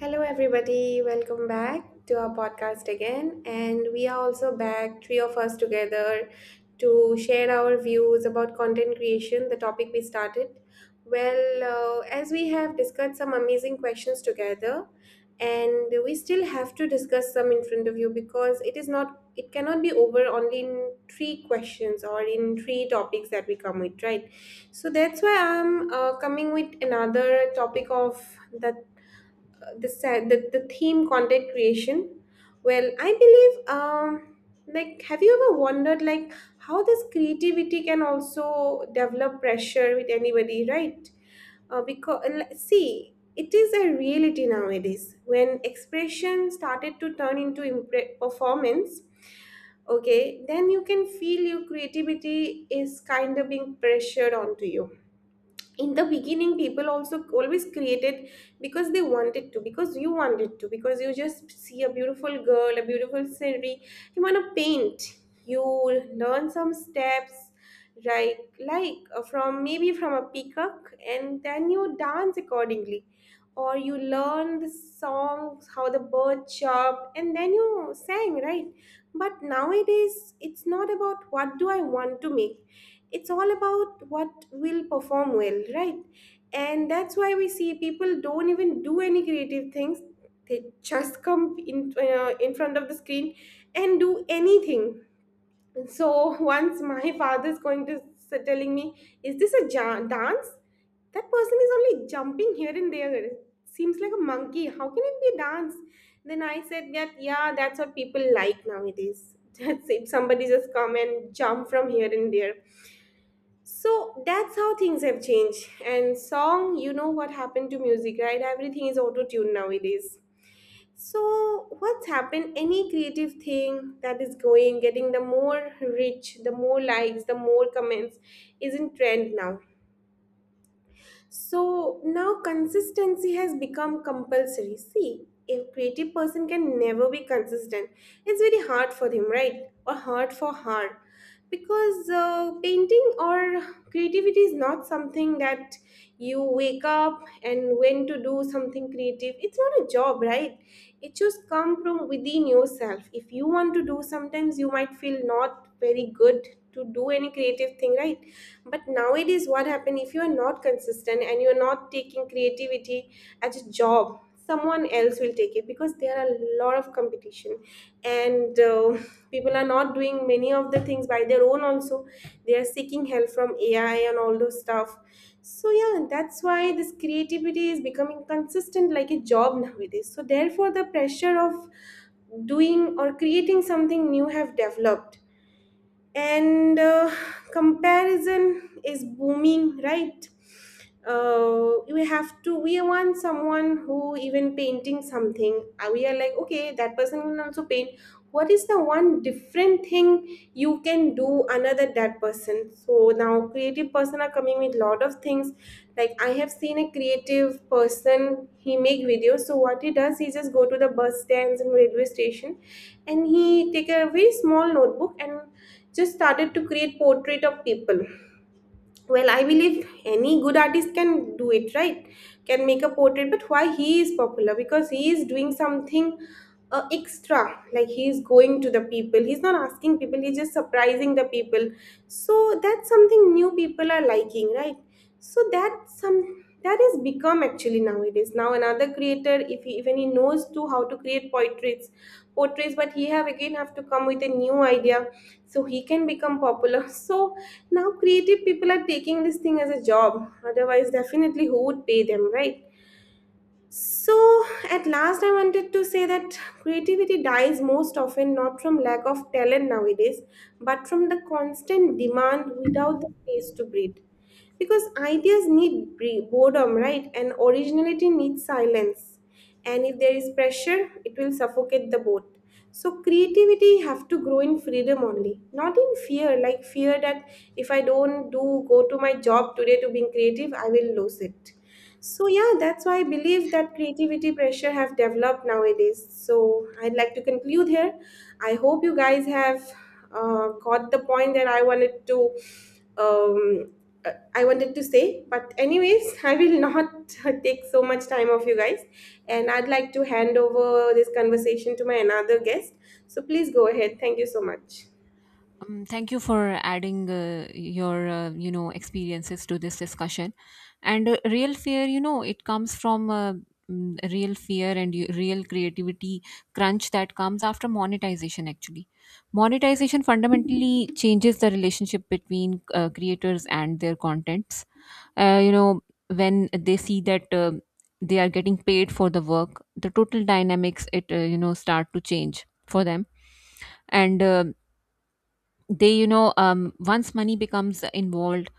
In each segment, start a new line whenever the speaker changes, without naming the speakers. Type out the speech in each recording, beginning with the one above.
Hello, everybody. Welcome back to our podcast again. And we are also back, three of us together, to share our views about content creation, the topic we started. Well, as we have discussed some amazing questions together, and we still have to discuss some in front of you because it is not, it cannot be over only in three questions or in three topics that we come with, right? So that's why I'm coming with another topic of the the theme content creation. Well, I believe, like, have you ever wondered, like, how this creativity can also develop pressure with anybody, right? Because see, it is a reality nowadays, when expression started to turn into performance, okay, then you can feel your creativity is kind of being pressured onto you. In the beginning, people also always created because they wanted to, because you wanted to, because you just see a beautiful girl, a beautiful scenery, you want to paint, you learn some steps, right? Like, from maybe from a peacock, and then you dance accordingly. Or you learn the songs how the bird chirped, and then you sang, right? But nowadays, it's not about what do I want to make. It's all about what will perform well, right? And that's why we see people don't even do any creative things. They just come in front of the screen and do anything. So once my father is going to telling me, "Is this a dance? That person is only jumping here and there. Seems like a monkey. How can it be a dance?" Then I said that, yeah, that's what people like nowadays. That's if somebody just come and jump from here and there. So that's how things have changed. And song, you know what happened to music, right? Everything is auto tuned nowadays. So what's happened? Any creative thing that is going, getting the more reach, the more likes, the more comments is in trend now. So now consistency has become compulsory. See, a creative person can never be consistent, it's very hard for him, right? Or hard for her, because painting or creativity is not something that you wake up and when to do something creative. It's not a job, right? It just come from within yourself. If you want to do, sometimes you might feel not very good to do any creative thing, right? But nowadays, what happen if you are not consistent and you're not taking creativity as a job, someone else will take it, because there are a lot of competition. And people are not doing many of the things by their own also. They are seeking help from AI and all those stuff. So yeah, that's why this creativity is becoming consistent like a job nowadays, so therefore the pressure of doing or creating something new have developed. And comparison is booming, right? Uh, we have to we want someone who even painting something, we are like, okay, that person can also paint. What is the one different thing you can do another that person? So now creative person are coming with lot of things. Like, I have seen a creative person, he make videos. So what he does, he just go to the bus stands and railway station, and he take a very small notebook and just started to create portrait of people. Well, I believe any good artist can do it, right? Can make a portrait. But why he is popular? Because he is doing something extra. Like, he is going to the people, he's not asking people, he's just surprising the people. So that's something new people are liking, right? So that's some, that has become actually nowadays. Now another creator, if he even he knows to how to create portraits portrays, but he have again have to come with a new idea, so he can become popular. So now creative people are taking this thing as a job, otherwise definitely who would pay them, right? So at last, I wanted to say that creativity dies most often not from lack of talent nowadays, but from the constant demand without the space to breathe. Because ideas need boredom, right? And originality needs silence. And if there is pressure, it will suffocate the boat. So creativity have to grow in freedom only, not in fear. Like, fear that if I don't do go to my job today to being creative, I will lose it. So yeah, that's why I believe that creativity pressure have developed nowadays. So I'd like to conclude here. I hope you guys have got the point that um, I wanted to say. But anyways, I will not take so much time of you guys, and I'd like to hand over this conversation to my another guest. So please go ahead. Thank you so much.
Thank you for adding your experiences to this discussion. And real fear, you know, it comes from real fear and real creativity crunch that comes after monetization. Actually, monetization fundamentally changes the relationship between creators and their contents. Uh, you know, when they see that, they are getting paid for the work, the total dynamics it start to change for them and they you know once money becomes involved,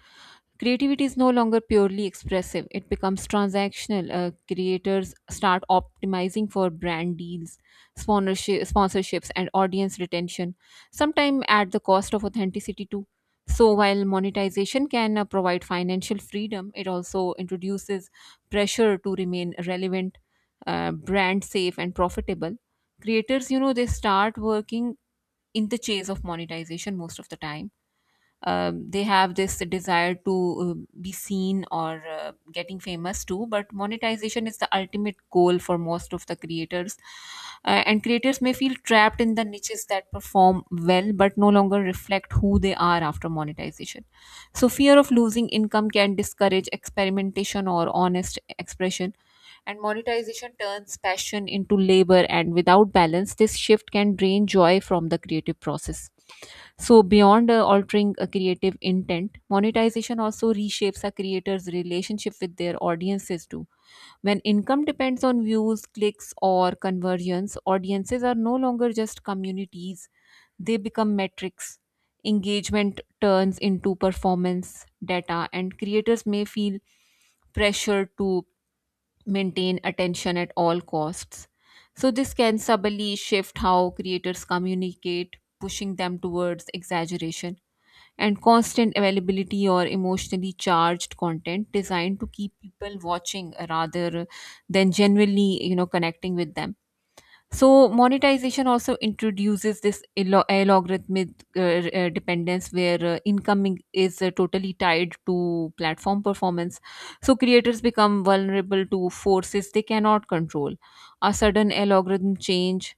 creativity is no longer purely expressive. It becomes transactional. Creators start optimizing for brand deals, sponsorships, and audience retention, sometimes at the cost of authenticity too. So while monetization can provide financial freedom, it also introduces pressure to remain relevant, brand safe, and profitable. Creators, you know, they start working in the chase of monetization most of the time. They have this desire to be seen or getting famous too, but monetization is the ultimate goal for most of the creators. And creators may feel trapped in the niches that perform well but no longer reflect who they are after monetization. So fear of losing income can discourage experimentation or honest expression, and monetization turns passion into labor, and without balance, this shift can drain joy from the creative process. So, beyond altering a creative intent, monetization also reshapes a creator's relationship with their audiences too. When income depends on views, clicks, or conversions, audiences are no longer just communities, they become metrics. Engagement turns into performance data, and creators may feel pressure to maintain attention at all costs. So, this can subtly shift how creators communicate, pushing them towards exaggeration and constant availability, or emotionally charged content designed to keep people watching rather than genuinely, you know, connecting with them. So monetization also introduces this algorithmic dependence where incoming is totally tied to platform performance. So creators become vulnerable to forces they cannot control. A sudden algorithm change,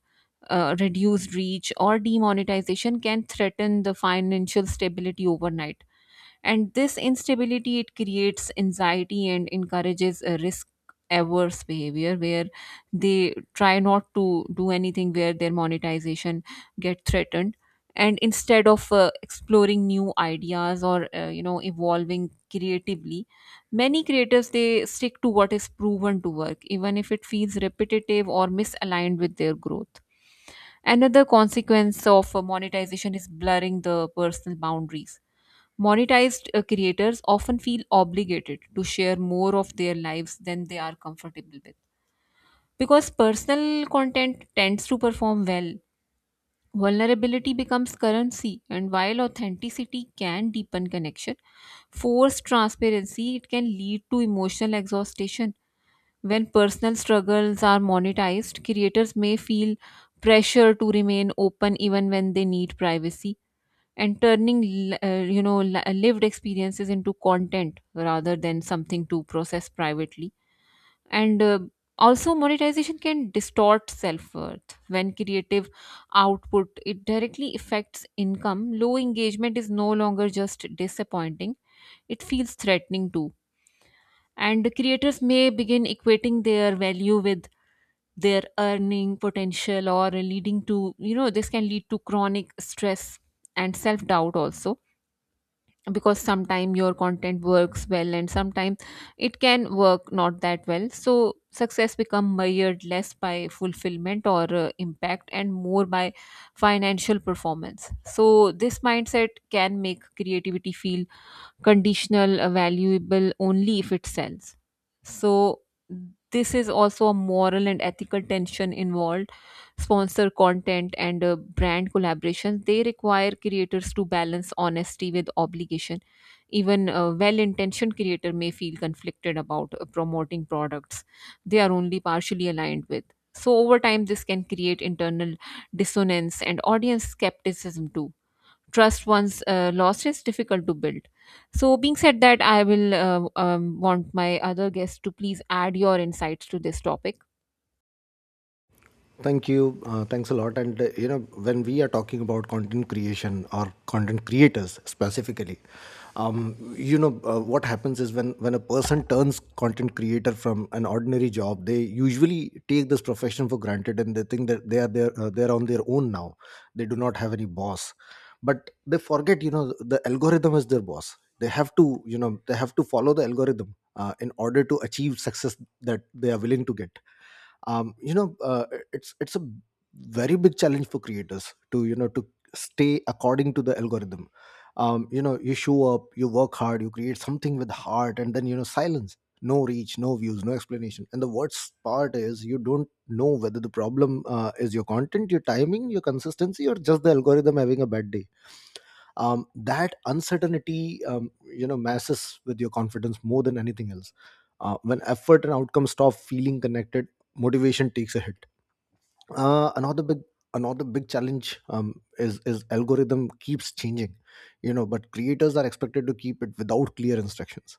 reduced reach, or demonetization can threaten the financial stability overnight, and this instability, it creates anxiety and encourages a risk averse behavior where they try not to do anything where their monetization get threatened. And instead of exploring new ideas or evolving creatively, many creators, they stick to what is proven to work even if it feels repetitive or misaligned with their growth. Another consequence of monetization is blurring the personal boundaries. Monetized creators often feel obligated to share more of their lives than they are comfortable with. Because personal content tends to perform well, vulnerability becomes currency, and while authenticity can deepen connection, forced transparency, it can lead to emotional exhaustion. When personal struggles are monetized, creators may feel pressure to remain open even when they need privacy, and turning lived experiences into content rather than something to process privately and Also, monetization can distort self-worth. When creative output, it directly affects income, low engagement is no longer just disappointing, it feels threatening too, and creators may begin equating their value with their earning potential, or leading to, you know, this can lead to chronic stress and self-doubt also, because sometimes your content works well and sometimes it can work not that well. So success become measured less by fulfillment or impact and more by financial performance. So this mindset can make creativity feel conditional, valuable only if it sells. So, this is also a moral and ethical tension involved. Sponsor content and brand collaborations, they require creators to balance honesty with obligation. Even a well-intentioned creator may feel conflicted about promoting products they are only partially aligned with. So over time, this can create internal dissonance and audience skepticism too. Trust once lost is difficult to build. So being said that, I will want my other guests to please add your insights to this topic.
Thank you. Thanks a lot. When we are talking about content creation or content creators specifically, what happens is when a person turns content creator from an ordinary job, they usually take this profession for granted, and they think that they are they are on their own now. They do not have any boss, but they forget, you know, the algorithm is their boss. They have to, you know, they have to follow the algorithm in order to achieve success that they are willing to get. um, you know uh, it's a very big challenge for creators to, you know, to stay according to the algorithm. You know, you show up, you work hard, you create something with heart, and then, you know, silence. No reach, no views, no explanation. And the worst part is you don't know whether the problem is your content, your timing, your consistency, or just the algorithm having a bad day. That uncertainty, you know, messes with your confidence more than anything else. When effort and outcome stop feeling connected, motivation takes a hit. uh, another big Another big challenge is algorithm keeps changing, you know, but creators are expected to keep it without clear instructions.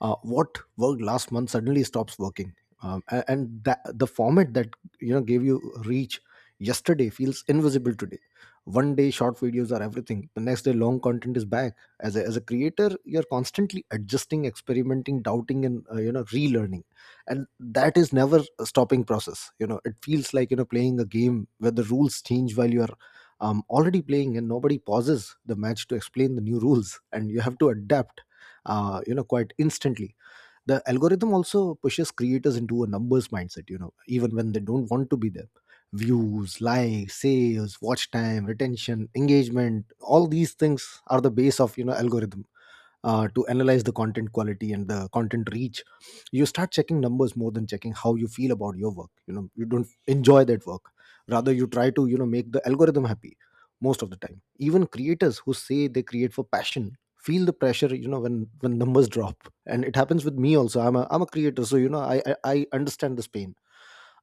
What worked last month suddenly stops working. The format that, you know, gave you reach yesterday feels invisible today. One day short videos are everything, the next day long content is back. As a creator, you're constantly adjusting, experimenting, doubting, and you know, relearning. And that is never a stopping process. You know, it feels like, you know, playing a game where the rules change while you're already playing, and nobody pauses the match to explain the new rules, and you have to adapt you know, quite instantly. The algorithm also pushes creators into a numbers mindset, you know, even when they don't want to be there. Views, likes, sales, watch time, retention, engagement, all these things are the base of, you know, algorithm to analyze the content quality and the content reach. You start checking numbers more than checking how you feel about your work. You know, you don't enjoy that work, rather you try to, you know, make the algorithm happy. Most of the time, even creators who say they create for passion feel the pressure, you know, when numbers drop. And it happens with me also. I'm a creator, so you know, I understand this pain,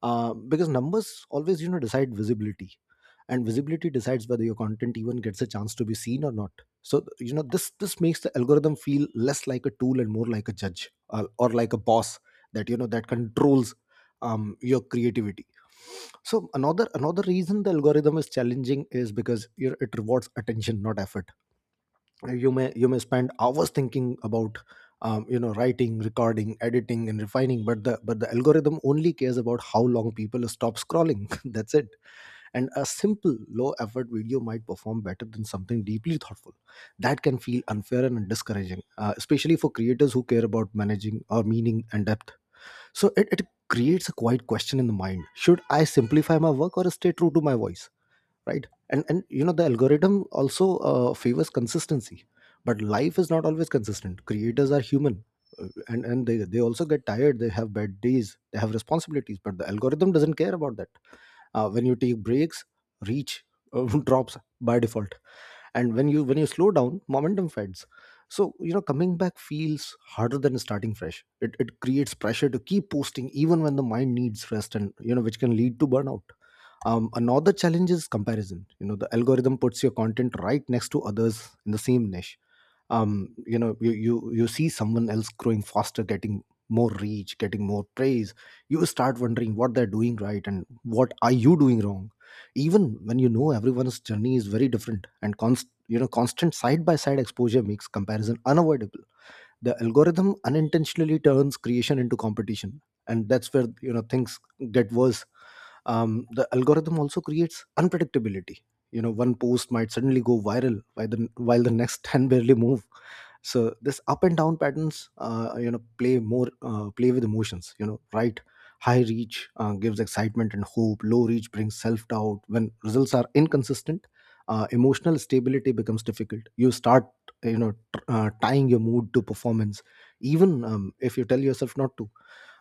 because numbers always, you know, decide visibility, and visibility decides whether your content even gets a chance to be seen or not. So you know, this makes the algorithm feel less like a tool and more like a judge, or like a boss that, you know, that controls your creativity. So another reason the algorithm is challenging is because, you know, it rewards attention, not effort. You may spend hours thinking about, you know, writing, recording, editing, and refining, but the algorithm only cares about how long people stop scrolling. That's it. And a simple low effort video might perform better than something deeply thoughtful. That can feel unfair and discouraging, especially for creators who care about managing or meaning and depth. So it creates a quiet question in the mind: should I simplify my work or stay true to my voice? Right. And you know, the algorithm also favors consistency, but life is not always consistent. Creators are human, and they also get tired, they have bad days, they have responsibilities, but the algorithm doesn't care about that. When you take breaks, reach uh, drops by default. And when you slow down, momentum fades. So you know, coming back feels harder than starting fresh. It creates pressure to keep posting even when the mind needs rest, and you know, which can lead to burnout. Another challenge is comparison. You know, the algorithm puts your content right next to others in the same niche. You know, you see someone else growing faster, getting more reach, getting more praise. You start wondering what they're doing right and what are you doing wrong, even when, you know, everyone's journey is very different. And you know, constant side by side exposure makes comparison unavoidable. The algorithm unintentionally turns creation into competition, and that's where, you know, things get worse. The algorithm also creates unpredictability. You know, one post might suddenly go viral while the next 10 barely move. So this up and down patterns, you know, play more, play with emotions, you know. Right, high reach gives excitement and hope, low reach brings self doubt. When results are inconsistent, emotional stability becomes difficult. You start, you know, tying your mood to performance, even if you tell yourself not to.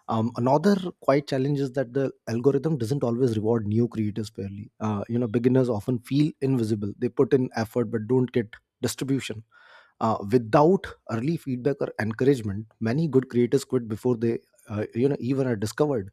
Another quite challenge is that the algorithm doesn't always reward new creators fairly. You know, beginners often feel invisible. They put in effort but don't get distribution. Without early feedback or encouragement, many good creators quit before they you know, even are discovered.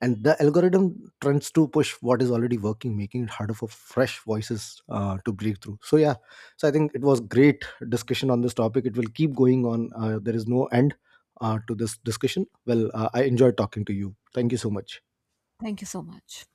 And the algorithm tends to push what is already working, making it harder for fresh voices to break through. So yeah, so I think it was great discussion on this topic. It will keep going on. There is no end to this discussion. Well, I enjoyed talking to you. Thank you so much.
Thank you so much.